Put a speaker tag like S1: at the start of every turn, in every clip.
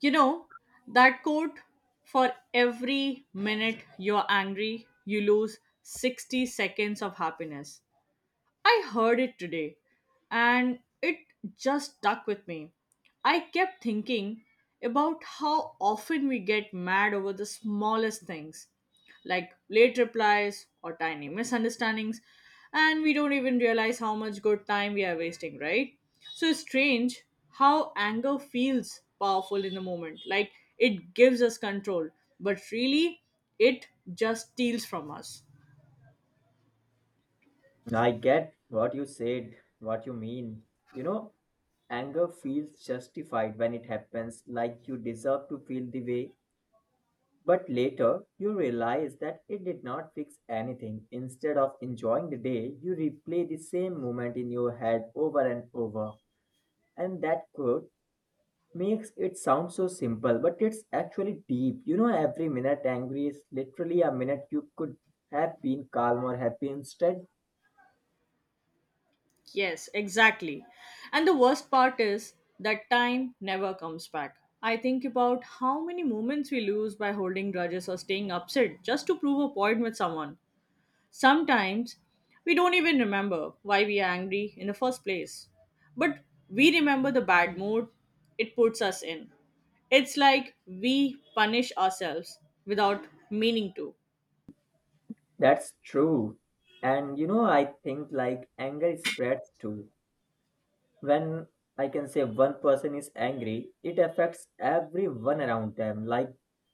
S1: You know, that quote for every minute you're angry, you lose 60 seconds of happiness. I heard it today and it just stuck with me. I kept thinking about how often we get mad over the smallest things, like late replies or tiny misunderstandings, and we don't even realize how much good time we are wasting, right? So it's strange how anger feels powerful in the moment, like it gives us control, but really it just steals from us.
S2: I get what you said, what you mean. You know, anger feels justified when it happens, like you deserve to feel the way. But later, you realize that it did not fix anything. Instead of enjoying the day, you replay the same moment in your head over and over. And that quote makes it sound so simple, but it's actually deep. Every minute angry is literally a minute you could have been calm or happy instead.
S1: Yes, exactly. And the worst part is that time never comes back. I think about how many moments we lose by holding grudges or staying upset just to prove a point with someone. Sometimes we don't even remember why we are angry in the first place. But we remember the bad mood it puts us in. It's like we punish ourselves without meaning to.
S2: That's true. And I think like anger spreads too. When I can say one person is angry, it affects everyone around them. Like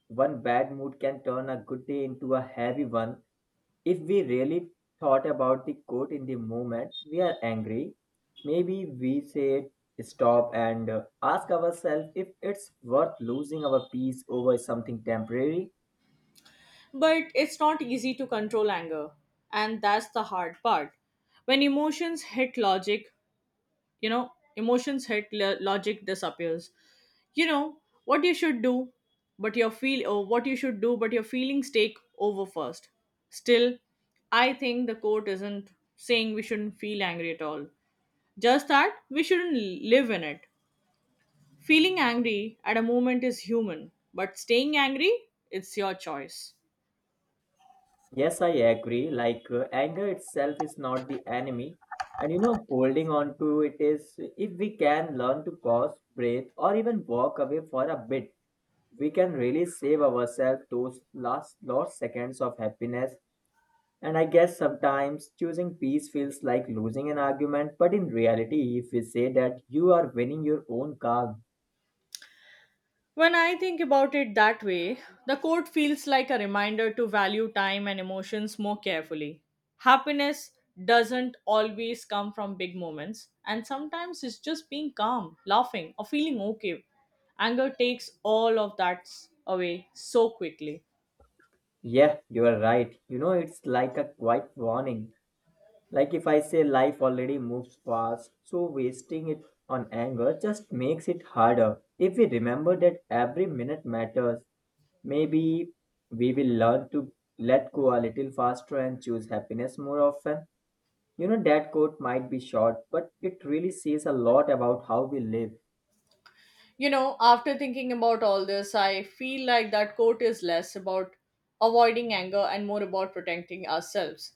S2: one bad mood can turn a good day into a heavy one. If we really thought about the quote in the moment we are angry, maybe we say stop and ask ourselves if it's worth losing our peace over something temporary.
S1: But it's not easy to control anger, and that's the hard part. When emotions hit logic, you know, logic disappears. You know what you should do, but your feel or what you should do, but your feelings take over first. Still, I think the court isn't saying we shouldn't feel angry at all. Just that we shouldn't live in it. Feeling angry at a moment is human, but staying angry, it's your choice.
S2: Yes, I agree. Like anger itself is not the enemy. And holding on to it is, if we can learn to pause, breathe, or even walk away for a bit, we can really save ourselves those last lost seconds of happiness. And I guess sometimes choosing peace feels like losing an argument, but in reality, if we say that you are winning your own calm,
S1: When I think about it that way, the quote feels like a reminder to value time and emotions more carefully. Happiness doesn't always come from big moments, and sometimes it's just being calm, laughing, or feeling okay. Anger takes all of away so quickly.
S2: yeah, you are right. It's like a quiet warning. Like if I say life already moves fast, so wasting it on anger just makes it harder. If we remember that every minute matters, maybe we will learn to let go a little faster and choose happiness more often. That quote might be short, but it really says a lot about how we live.
S1: You know, after thinking about all this, I feel like that quote is less about avoiding anger and more about protecting ourselves.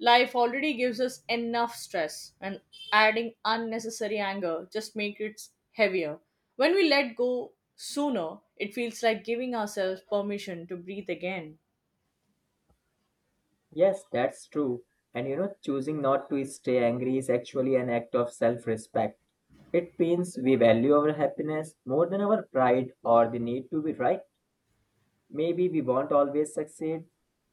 S1: Life already gives us enough stress, and adding unnecessary anger just makes it heavier. When we let go sooner, it feels like giving ourselves permission to breathe again.
S2: Yes, that's true. And choosing not to stay angry is actually an act of self respect. It means we value our happiness more than our pride or the need to be right. Maybe we won't always succeed,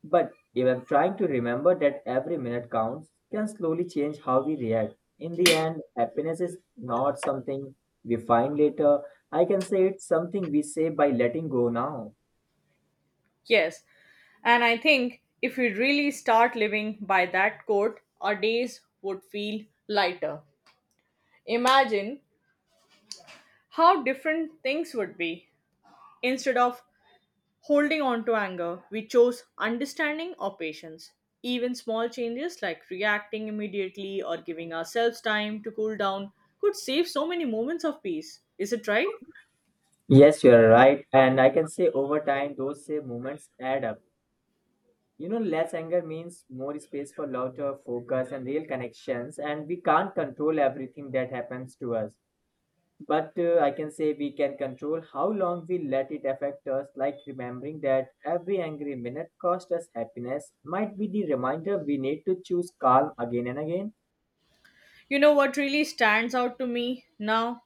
S2: but even trying to remember that every minute counts can slowly change how we react. In the end, happiness is not something we find later. I can say it's something we say by letting go now.
S1: Yes, and I think if we really start living by that quote, our days would feel lighter. Imagine how different things would be. Instead of holding on to anger, we chose understanding or patience. Even small changes like reacting immediately or giving ourselves time to cool down could save so many moments of peace. Is it right?
S2: Yes, you're right. And I can say over time, those same moments add up. Less anger means more space for laughter, focus, and real connections. And we can't control everything that happens to us. But I can say we can control how long we let it affect us, like remembering that every angry minute cost us happiness might be the reminder we need to choose calm again and again.
S1: You know what really stands out to me now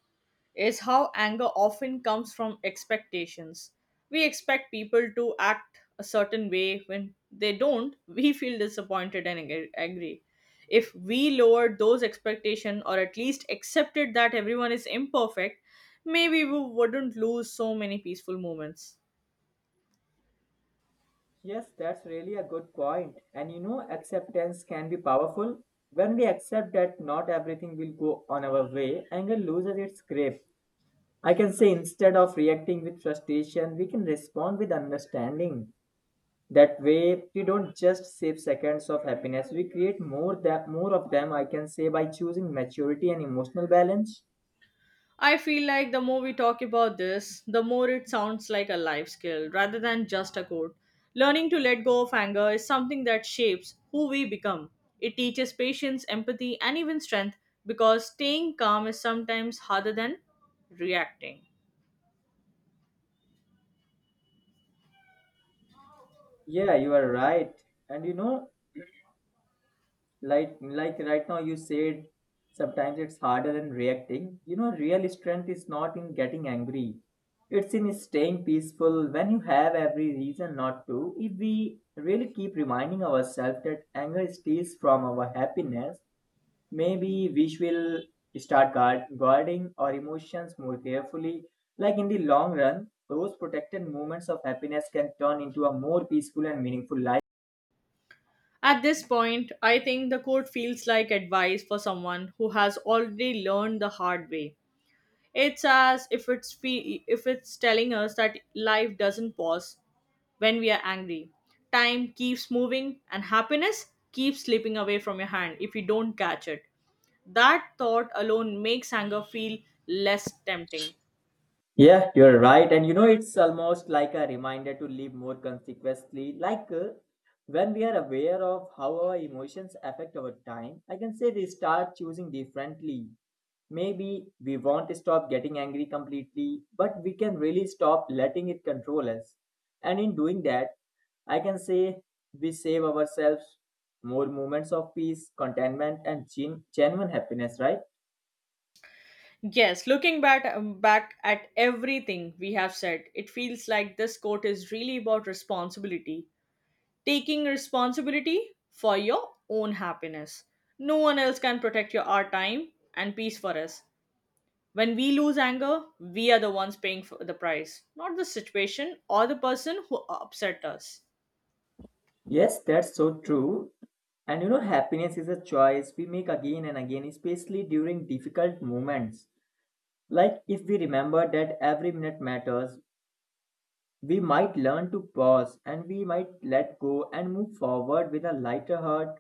S1: is how anger often comes from expectations. We expect people to act a certain way. When they don't, we feel disappointed and angry. If we lowered those expectations or at least accepted that everyone is imperfect, maybe we wouldn't lose so many peaceful moments.
S2: Yes, that's really a good point. And acceptance can be powerful. When we accept that not everything will go on our way, anger loses its grip. I can say instead of reacting with frustration, we can respond with understanding. That way we don't just save seconds of happiness. We create more that more of them. I can say by choosing maturity and emotional balance.
S1: I feel like the more we talk about this, the more it sounds like a life skill rather than just a code. Learning to let go of anger is something that shapes who we become. It teaches patience, empathy, and even strength because staying calm is sometimes harder than reacting.
S2: Yeah, you are right. And like right now you said sometimes it's harder than reacting. You know real strength is not in getting angry. It's in staying peaceful when you have every reason not to. If we really keep reminding ourselves that anger steals from our happiness, maybe we will start guarding our emotions more carefully. Like in the long run, those protected moments of happiness can turn into a more peaceful and meaningful life.
S1: At this point, I think the quote feels like advice for someone who has already learned the hard way. It's as if it's fe- if it's telling us that life doesn't pause when we are angry. Time keeps moving and happiness keeps slipping away from your hand if you don't catch it. That thought alone makes anger feel less tempting.
S2: Yeah, you're right. And it's almost like a reminder to live more consequently. Like when we are aware of how our emotions affect our time, I can say they start choosing differently. Maybe we won't stop getting angry completely, but we can really stop letting it control us. And in doing that, I can say we save ourselves more moments of peace, contentment, and genuine happiness, right?
S1: Yes, looking back back at everything we have said, it feels like this quote is really about responsibility. Taking responsibility for your own happiness. No one else can protect your our time and peace for us. When we lose anger, we are the ones paying for the price, not the situation or the person who upset us.
S2: Yes, that's so true. And happiness is a choice we make again and again, especially during difficult moments. Like, if we remember that every minute matters, we might learn to pause and we might let go and move forward with a lighter heart.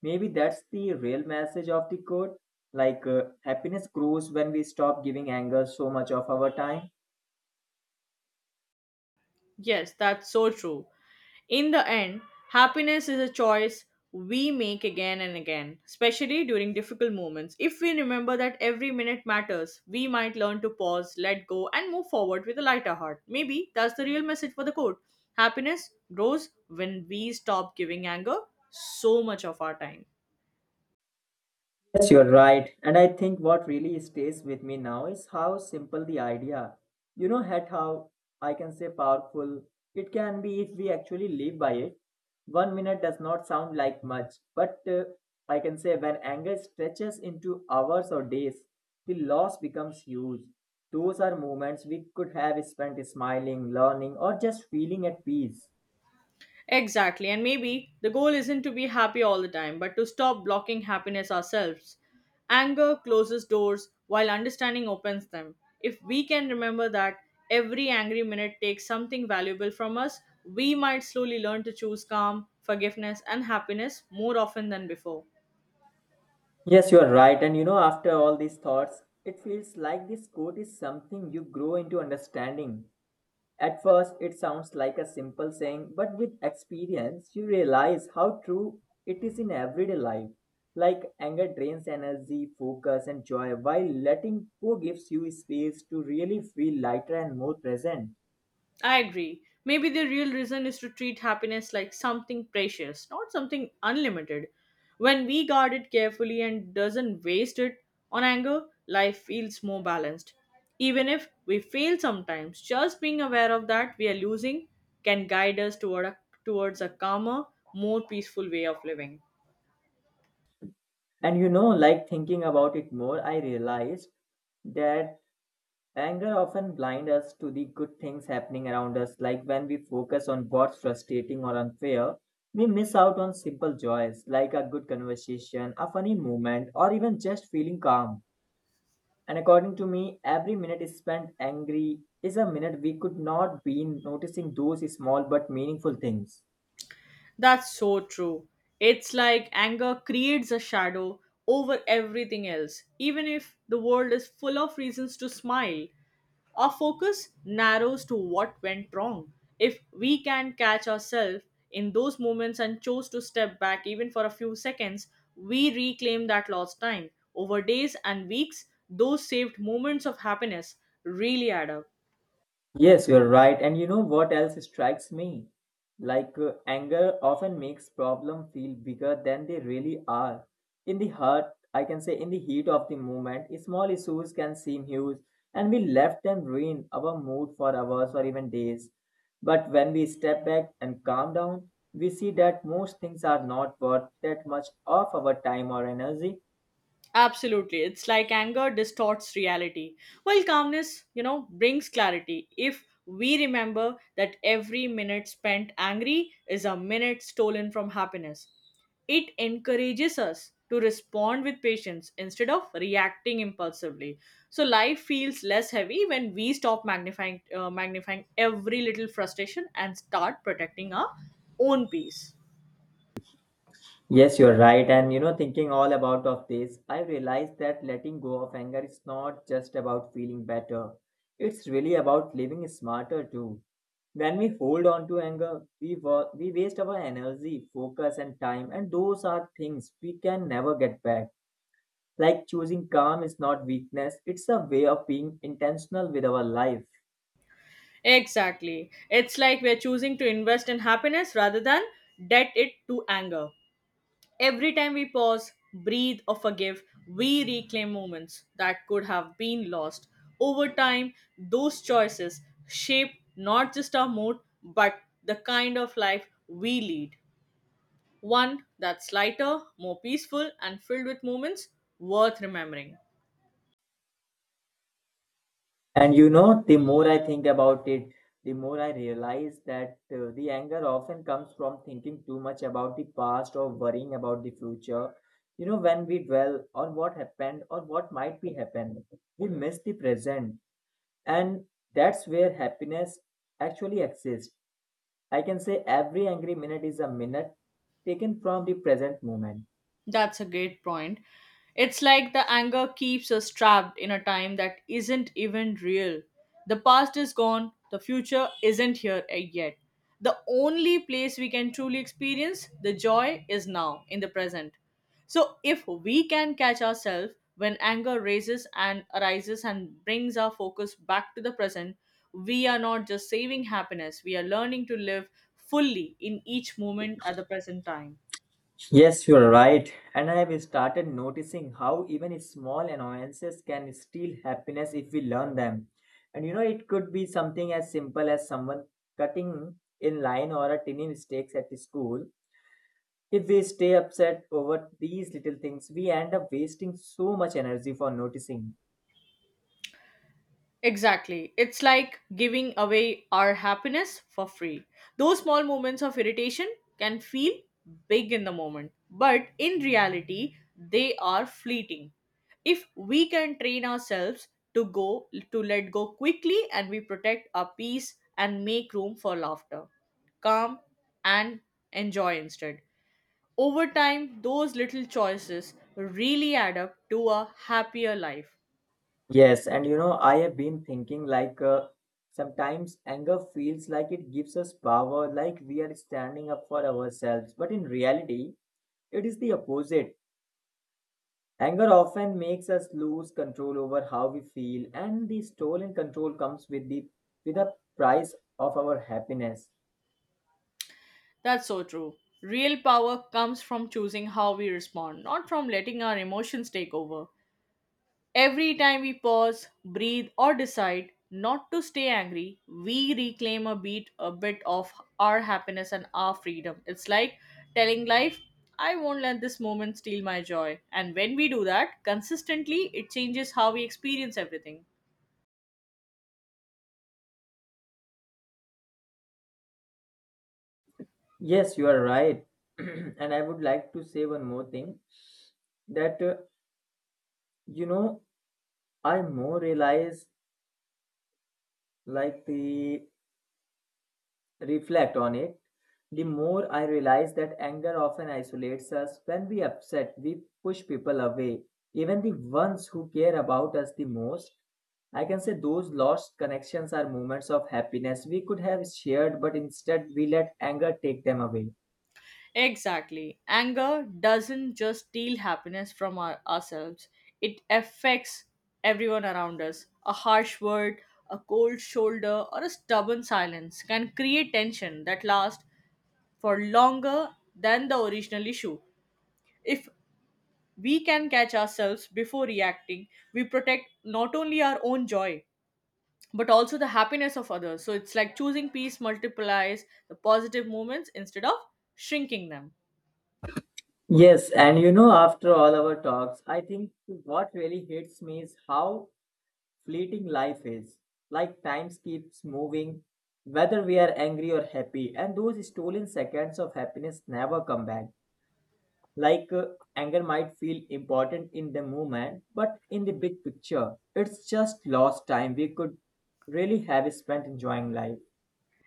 S2: Maybe that's the real message of the quote. Like, happiness grows when we stop giving anger so much of our time.
S1: Yes, that's so true. In the end, happiness is a choice we make again and again, especially during difficult moments. If we remember that every minute matters, we might learn to pause, let go, and move forward with a lighter heart. Maybe that's the real message for the quote. Happiness grows when we stop giving anger so much of our time.
S2: Yes, you're right. And I think what really stays with me now is how simple the idea, at how I can say powerful it can be if we actually live by it. 1 minute does not sound like much, but I can say when anger stretches into hours or days, the loss becomes huge. Those are moments we could have spent smiling, learning, or just feeling at peace.
S1: Exactly, and maybe the goal isn't to be happy all the time, but to stop blocking happiness ourselves. Anger closes doors while understanding opens them. If we can remember that every angry minute takes something valuable from us, we might slowly learn to choose calm, forgiveness, and happiness more often than before.
S2: Yes, you are right. And after all these thoughts, it feels like this quote is something you grow into understanding. At first, it sounds like a simple saying, but with experience, you realize how true it is in everyday life. Like anger drains energy, focus, and joy, while letting go gives you space to really feel lighter and more present.
S1: I agree. Maybe the real reason is to treat happiness like something precious, not something unlimited. When we guard it carefully and doesn't waste it on anger, life feels more balanced. Even if we fail sometimes, just being aware of that we are losing can guide us towards a calmer, more peaceful way of living.
S2: And like thinking about it more, I realized that anger often blinds us to the good things happening around us, like when we focus on what's frustrating or unfair, we miss out on simple joys like a good conversation, a funny moment, or even just feeling calm. And according to me, every minute is spent angry is a minute we could not be in noticing those small but meaningful things.
S1: That's so true. It's like anger creates a shadow over everything else, even if the world is full of reasons to smile. Our focus narrows to what went wrong. If we can catch ourselves in those moments and chose to step back even for a few seconds, we reclaim that lost time. Over days and weeks, those saved moments of happiness really add up.
S2: Yes, you're right. And you know what else strikes me? Like anger often makes problem feel bigger than they really are. In the heart, I can say in the heat of the moment, small issues can seem huge and we left them ruin our mood for hours or even days. But when we step back and calm down, we see that most things are not worth that much of our time or energy.
S1: Absolutely. It's like anger distorts reality, while calmness, you know, brings clarity. If we remember that every minute spent angry is a minute stolen from happiness, it encourages us to respond with patience instead of reacting impulsively. So life feels less heavy when we stop magnifying every little frustration and start protecting our own peace.
S2: Yes, you're right. And thinking all about of this, I realized that letting go of anger is not just about feeling better. It's really about living smarter too. When we hold on to anger, we waste our energy, focus, and time, and those are things we can never get back. Like choosing calm is not weakness; it's a way of being intentional with our life.
S1: Exactly. It's like we're choosing to invest in happiness rather than debt it to anger. Every time we pause, breathe, or forgive, we reclaim moments that could have been lost. Over time, those choices shape not just our mood, but the kind of life we lead. One that's lighter, more peaceful, and filled with moments worth remembering.
S2: And the more I think about it, the more I realize that the anger often comes from thinking too much about the past or worrying about the future. When we dwell on what happened or what might be happened, we miss the present. And that's where happiness actually exists. I can say every angry minute is a minute taken from the present moment.
S1: That's a great point. It's like the anger keeps us trapped in a time that isn't even real. The past is gone, the future isn't here yet. The only place we can truly experience the joy is now, in the present. So, if we can catch ourselves when anger raises and arises and brings our focus back to the present, we are not just saving happiness, we are learning to live fully in each moment at the present time.
S2: Yes, you're right. And I have started noticing how even small annoyances can steal happiness if we learn them. And it could be something as simple as someone cutting in line or a tiny mistakes at school. If we stay upset over these little things, we end up wasting so much energy for noticing.
S1: Exactly. It's like giving away our happiness for free. Those small moments of irritation can feel big in the moment, but in reality, they are fleeting. If we can train ourselves to let go quickly and we protect our peace and make room for laughter, calm and enjoy instead. Over time, those little choices really add up to a happier life.
S2: Yes, and I have been thinking like sometimes anger feels like it gives us power, like we are standing up for ourselves. But in reality, it is the opposite. Anger often makes us lose control over how we feel, and the stolen control comes with the price of our happiness.
S1: That's so true. Real power comes from choosing how we respond, not from letting our emotions take over. Every time we pause, breathe, or decide not to stay angry, we reclaim a bit of our happiness and our freedom. It's like telling life, I won't let this moment steal my joy. And when we do that consistently, it changes how we experience everything.
S2: Yes, you are right. And I would like to say one more thing that you know I more realize like the reflect on it, the more I realize that anger often isolates us. When we upset, we push people away, even the ones who care about us the most. I can say those lost connections are moments of happiness we could have shared, but instead we let anger take them away.
S1: Exactly. Anger doesn't just steal happiness from ourselves, it affects everyone around us. A harsh word, a cold shoulder, or a stubborn silence can create tension that lasts for longer than the original issue. If we can catch ourselves before reacting, we protect not only our own joy but also the happiness of others. So it's like choosing peace multiplies the positive moments instead of shrinking them.
S2: Yes, and after all our talks, I think what really hits me is how fleeting life is. Like time keeps moving, whether we are angry or happy, and those stolen seconds of happiness never come back. Like anger might feel important in the moment, but in the big picture, it's just lost time we could really have spent enjoying life.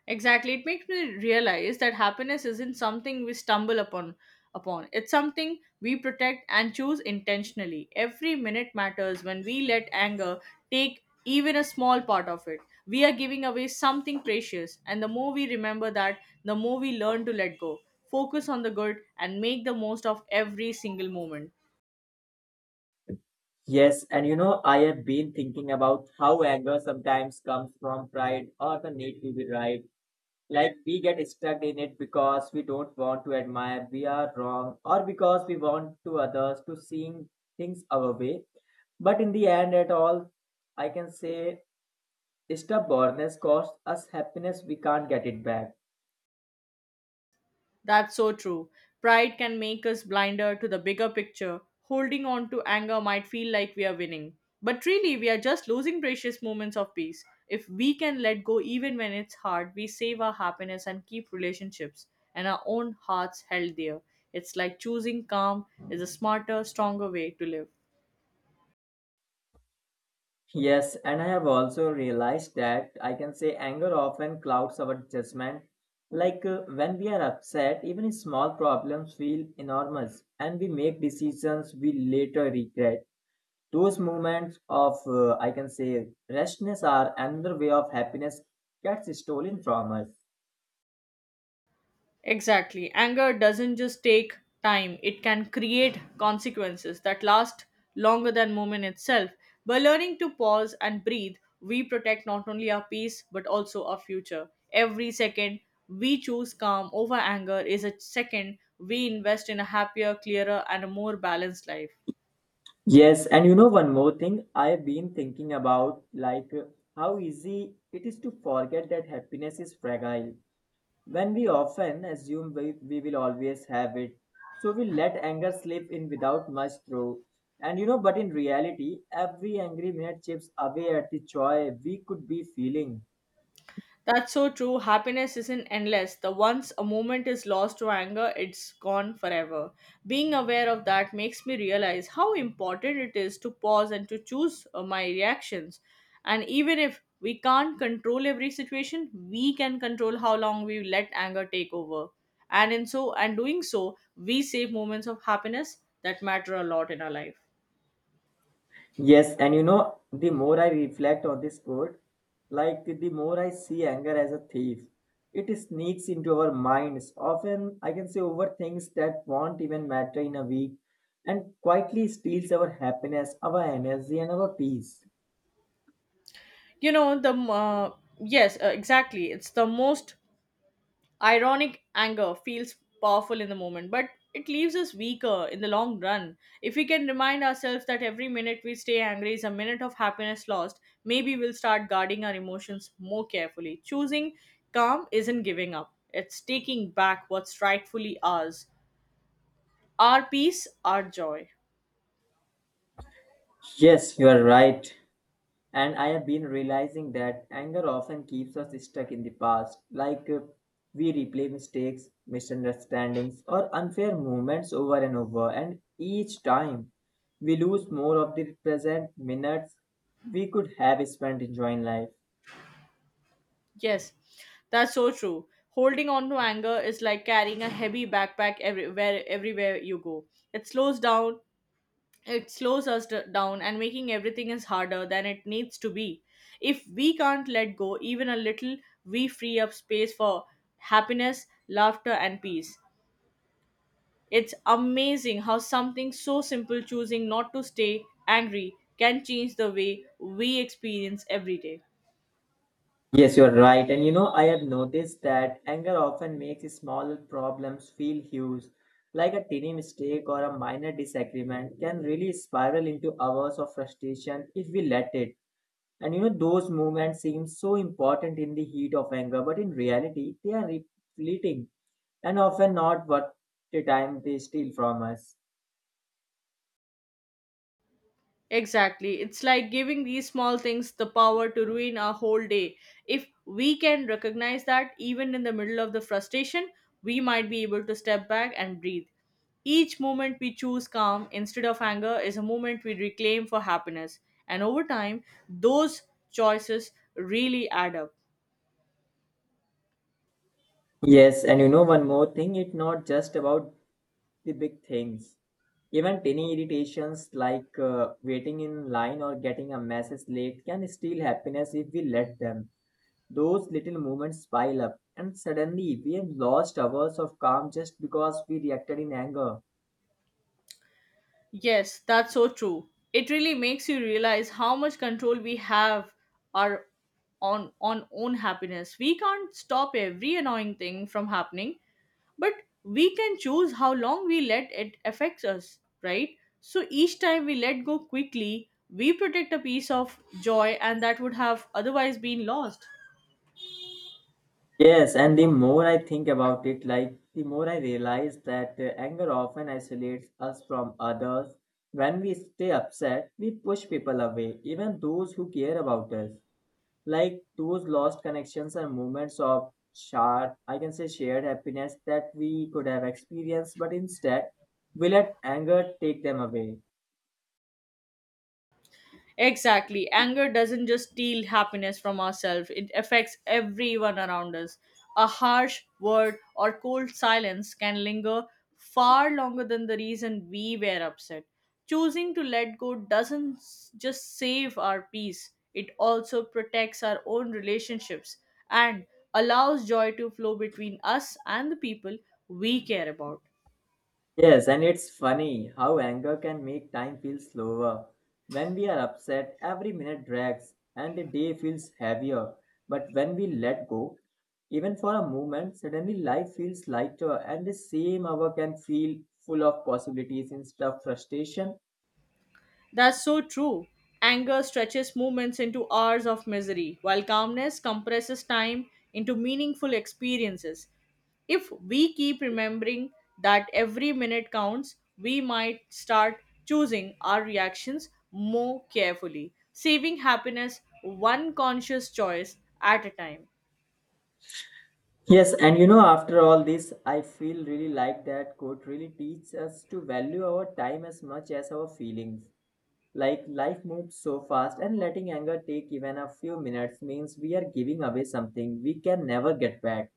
S1: Exactly. It makes me realize that happiness isn't something we stumble upon upon. It's something we protect and choose intentionally. Every minute matters when we let anger take even a small part of it. We are giving away something precious, and the more we remember that, the more we learn to let go, focus on the good, and make the most of every single moment.
S2: Yes, and I have been thinking about how anger sometimes comes from pride or the need to be right, like we get stuck in it because we don't want to admire we are wrong or because we want to others to seeing things our way. But in the end at all, I can say stubbornness costs us happiness. We can't get it back.
S1: That's so true. Pride can make us blinder to the bigger picture. Holding on to anger might feel like we are winning. But really, we are just losing precious moments of peace. If we can let go even when it's hard, we save our happiness and keep relationships and our own hearts held dear. It's like choosing calm is a smarter, stronger way to live.
S2: Yes, and I have also realized that I can say anger often clouds our judgment. Like when we are upset even small problems feel enormous and we make decisions we later regret. Those moments of, I can say, restness are another way of happiness gets stolen from us.
S1: Exactly. Anger doesn't just take time, it can create consequences that last longer than moment itself. By learning to pause and breathe, we protect not only our peace but also our future. Every second we choose calm over anger is a second we invest in a happier, clearer, and a more balanced life.
S2: Yes, and one more thing I've been thinking about, like how easy it is to forget that happiness is fragile. When we often assume we will always have it, so we let anger slip in without much throw. And but in reality, every angry minute chips away at the joy we could be feeling.
S1: That's so true. Happiness isn't endless. The once a moment is lost to anger, it's gone forever. Being aware of that makes me realize how important it is to pause and to choose my reactions. And even if we can't control every situation, we can control how long we let anger take over. And doing so, we save moments of happiness that matter a lot in our life.
S2: Yes, and the more I reflect on this quote, like the more I see anger as a thief. It sneaks into our minds, often I can say over things that won't even matter in a week, and quietly steals our happiness, our energy, and our peace.
S1: You know, the m- uh, yes, exactly. It's the most ironic. Anger feels powerful in the moment, but it leaves us weaker in the long run. If we can remind ourselves that every minute we stay angry is a minute of happiness lost, maybe we'll start guarding our emotions more carefully. Choosing calm isn't giving up, it's taking back what's rightfully ours, our peace, our joy.
S2: Yes, you are right. And I have been realizing that anger often keeps us stuck in the past, like we replay mistakes, misunderstandings, or unfair movements over and over, and each time we lose more of the present minutes we could have spent enjoying life.
S1: Yes, that's so true. Holding on to anger is like carrying a heavy backpack everywhere you go. It slows down it slows us down and making everything is harder than it needs to be. If we can't let go even a little, we free up space for happiness, laughter, and peace. It's amazing how something so simple, choosing not to stay angry, can change the way we experience every day.
S2: Yes, you're right. And I have noticed that anger often makes small problems feel huge, like a tiny mistake or a minor disagreement can really spiral into hours of frustration if we let it. And those moments seem so important in the heat of anger, but in reality, fleeting and often not worth the time they steal from us.
S1: Exactly. It's like giving these small things the power to ruin our whole day. If we can recognize that, even in the middle of the frustration, we might be able to step back and breathe. Each moment we choose calm instead of anger is a moment we reclaim for happiness. And over time, those choices really add up.
S2: Yes, and one more thing, it's not just about the big things. Even tiny irritations like waiting in line or getting a message late can steal happiness if we let them. Those little moments pile up, and suddenly we have lost hours of calm just because we reacted in anger.
S1: Yes, that's so true. It really makes you realize how much control we have our on own happiness. We can't stop every annoying thing from happening, but we can choose how long we let it affect us, right? So each time we let go quickly, we protect a piece of joy and that would have otherwise been lost.
S2: Yes, and the more I think about it, like the more I realize that anger often isolates us from others. When we stay upset, we push people away, even those who care about us. Like those lost connections and moments of I can say shared happiness that we could have experienced, but instead we let anger take them away.
S1: Exactly. Anger doesn't just steal happiness from ourselves, it affects everyone around us. A harsh word or cold silence can linger far longer than the reason we were upset. Choosing to let go doesn't s- just save our peace, it also protects our own relationships and allows joy to flow between us and the people we care about.
S2: Yes, and it's funny how anger can make time feel slower. When we are upset, every minute drags and the day feels heavier. But when we let go, even for a moment, suddenly life feels lighter and the same hour can feel full of possibilities instead of frustration.
S1: That's so true. Anger stretches moments into hours of misery, while calmness compresses time into meaningful experiences. If we keep remembering that every minute counts, we might start choosing our reactions more carefully, saving happiness one conscious choice at a time.
S2: Yes, and after all this, I feel really like that quote really teaches us to value our time as much as our feelings. Like life moves so fast, and letting anger take even a few minutes means we are giving away something we can never get back.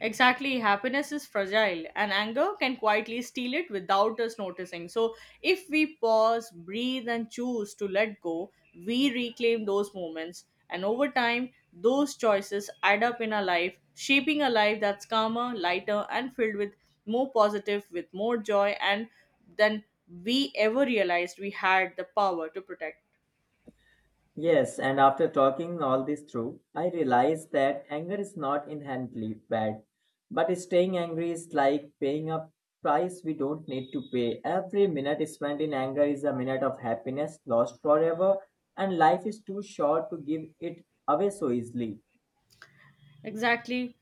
S1: Exactly, happiness is fragile and anger can quietly steal it without us noticing. So, if we pause, breathe, and choose to let go, we reclaim those moments. And over time, those choices add up in our life, shaping a life that's calmer, lighter, and filled with more positive, with more joy, and than we ever realized we had the power to protect.
S2: Yes, and after talking all this through, I realized that anger is not inherently bad, but staying angry is like paying a price we don't need to pay. Every minute spent in anger is a minute of happiness lost forever, and life is too short to give it away so easily.
S1: Exactly.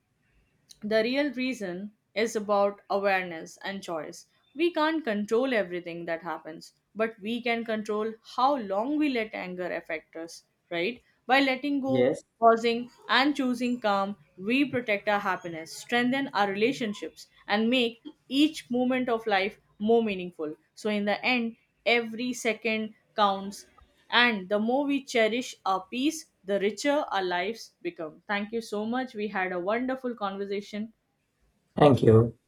S1: The real reason is about awareness and choice. We can't control everything that happens, but we can control how long we let anger affect us, right? By letting go,
S2: Yes,
S1: pausing, and choosing calm, we protect our happiness, strengthen our relationships, and make each moment of life more meaningful. So, in the end, every second counts, and the more we cherish our peace, the richer our lives become. Thank you so much. We had a wonderful conversation.
S2: thank you.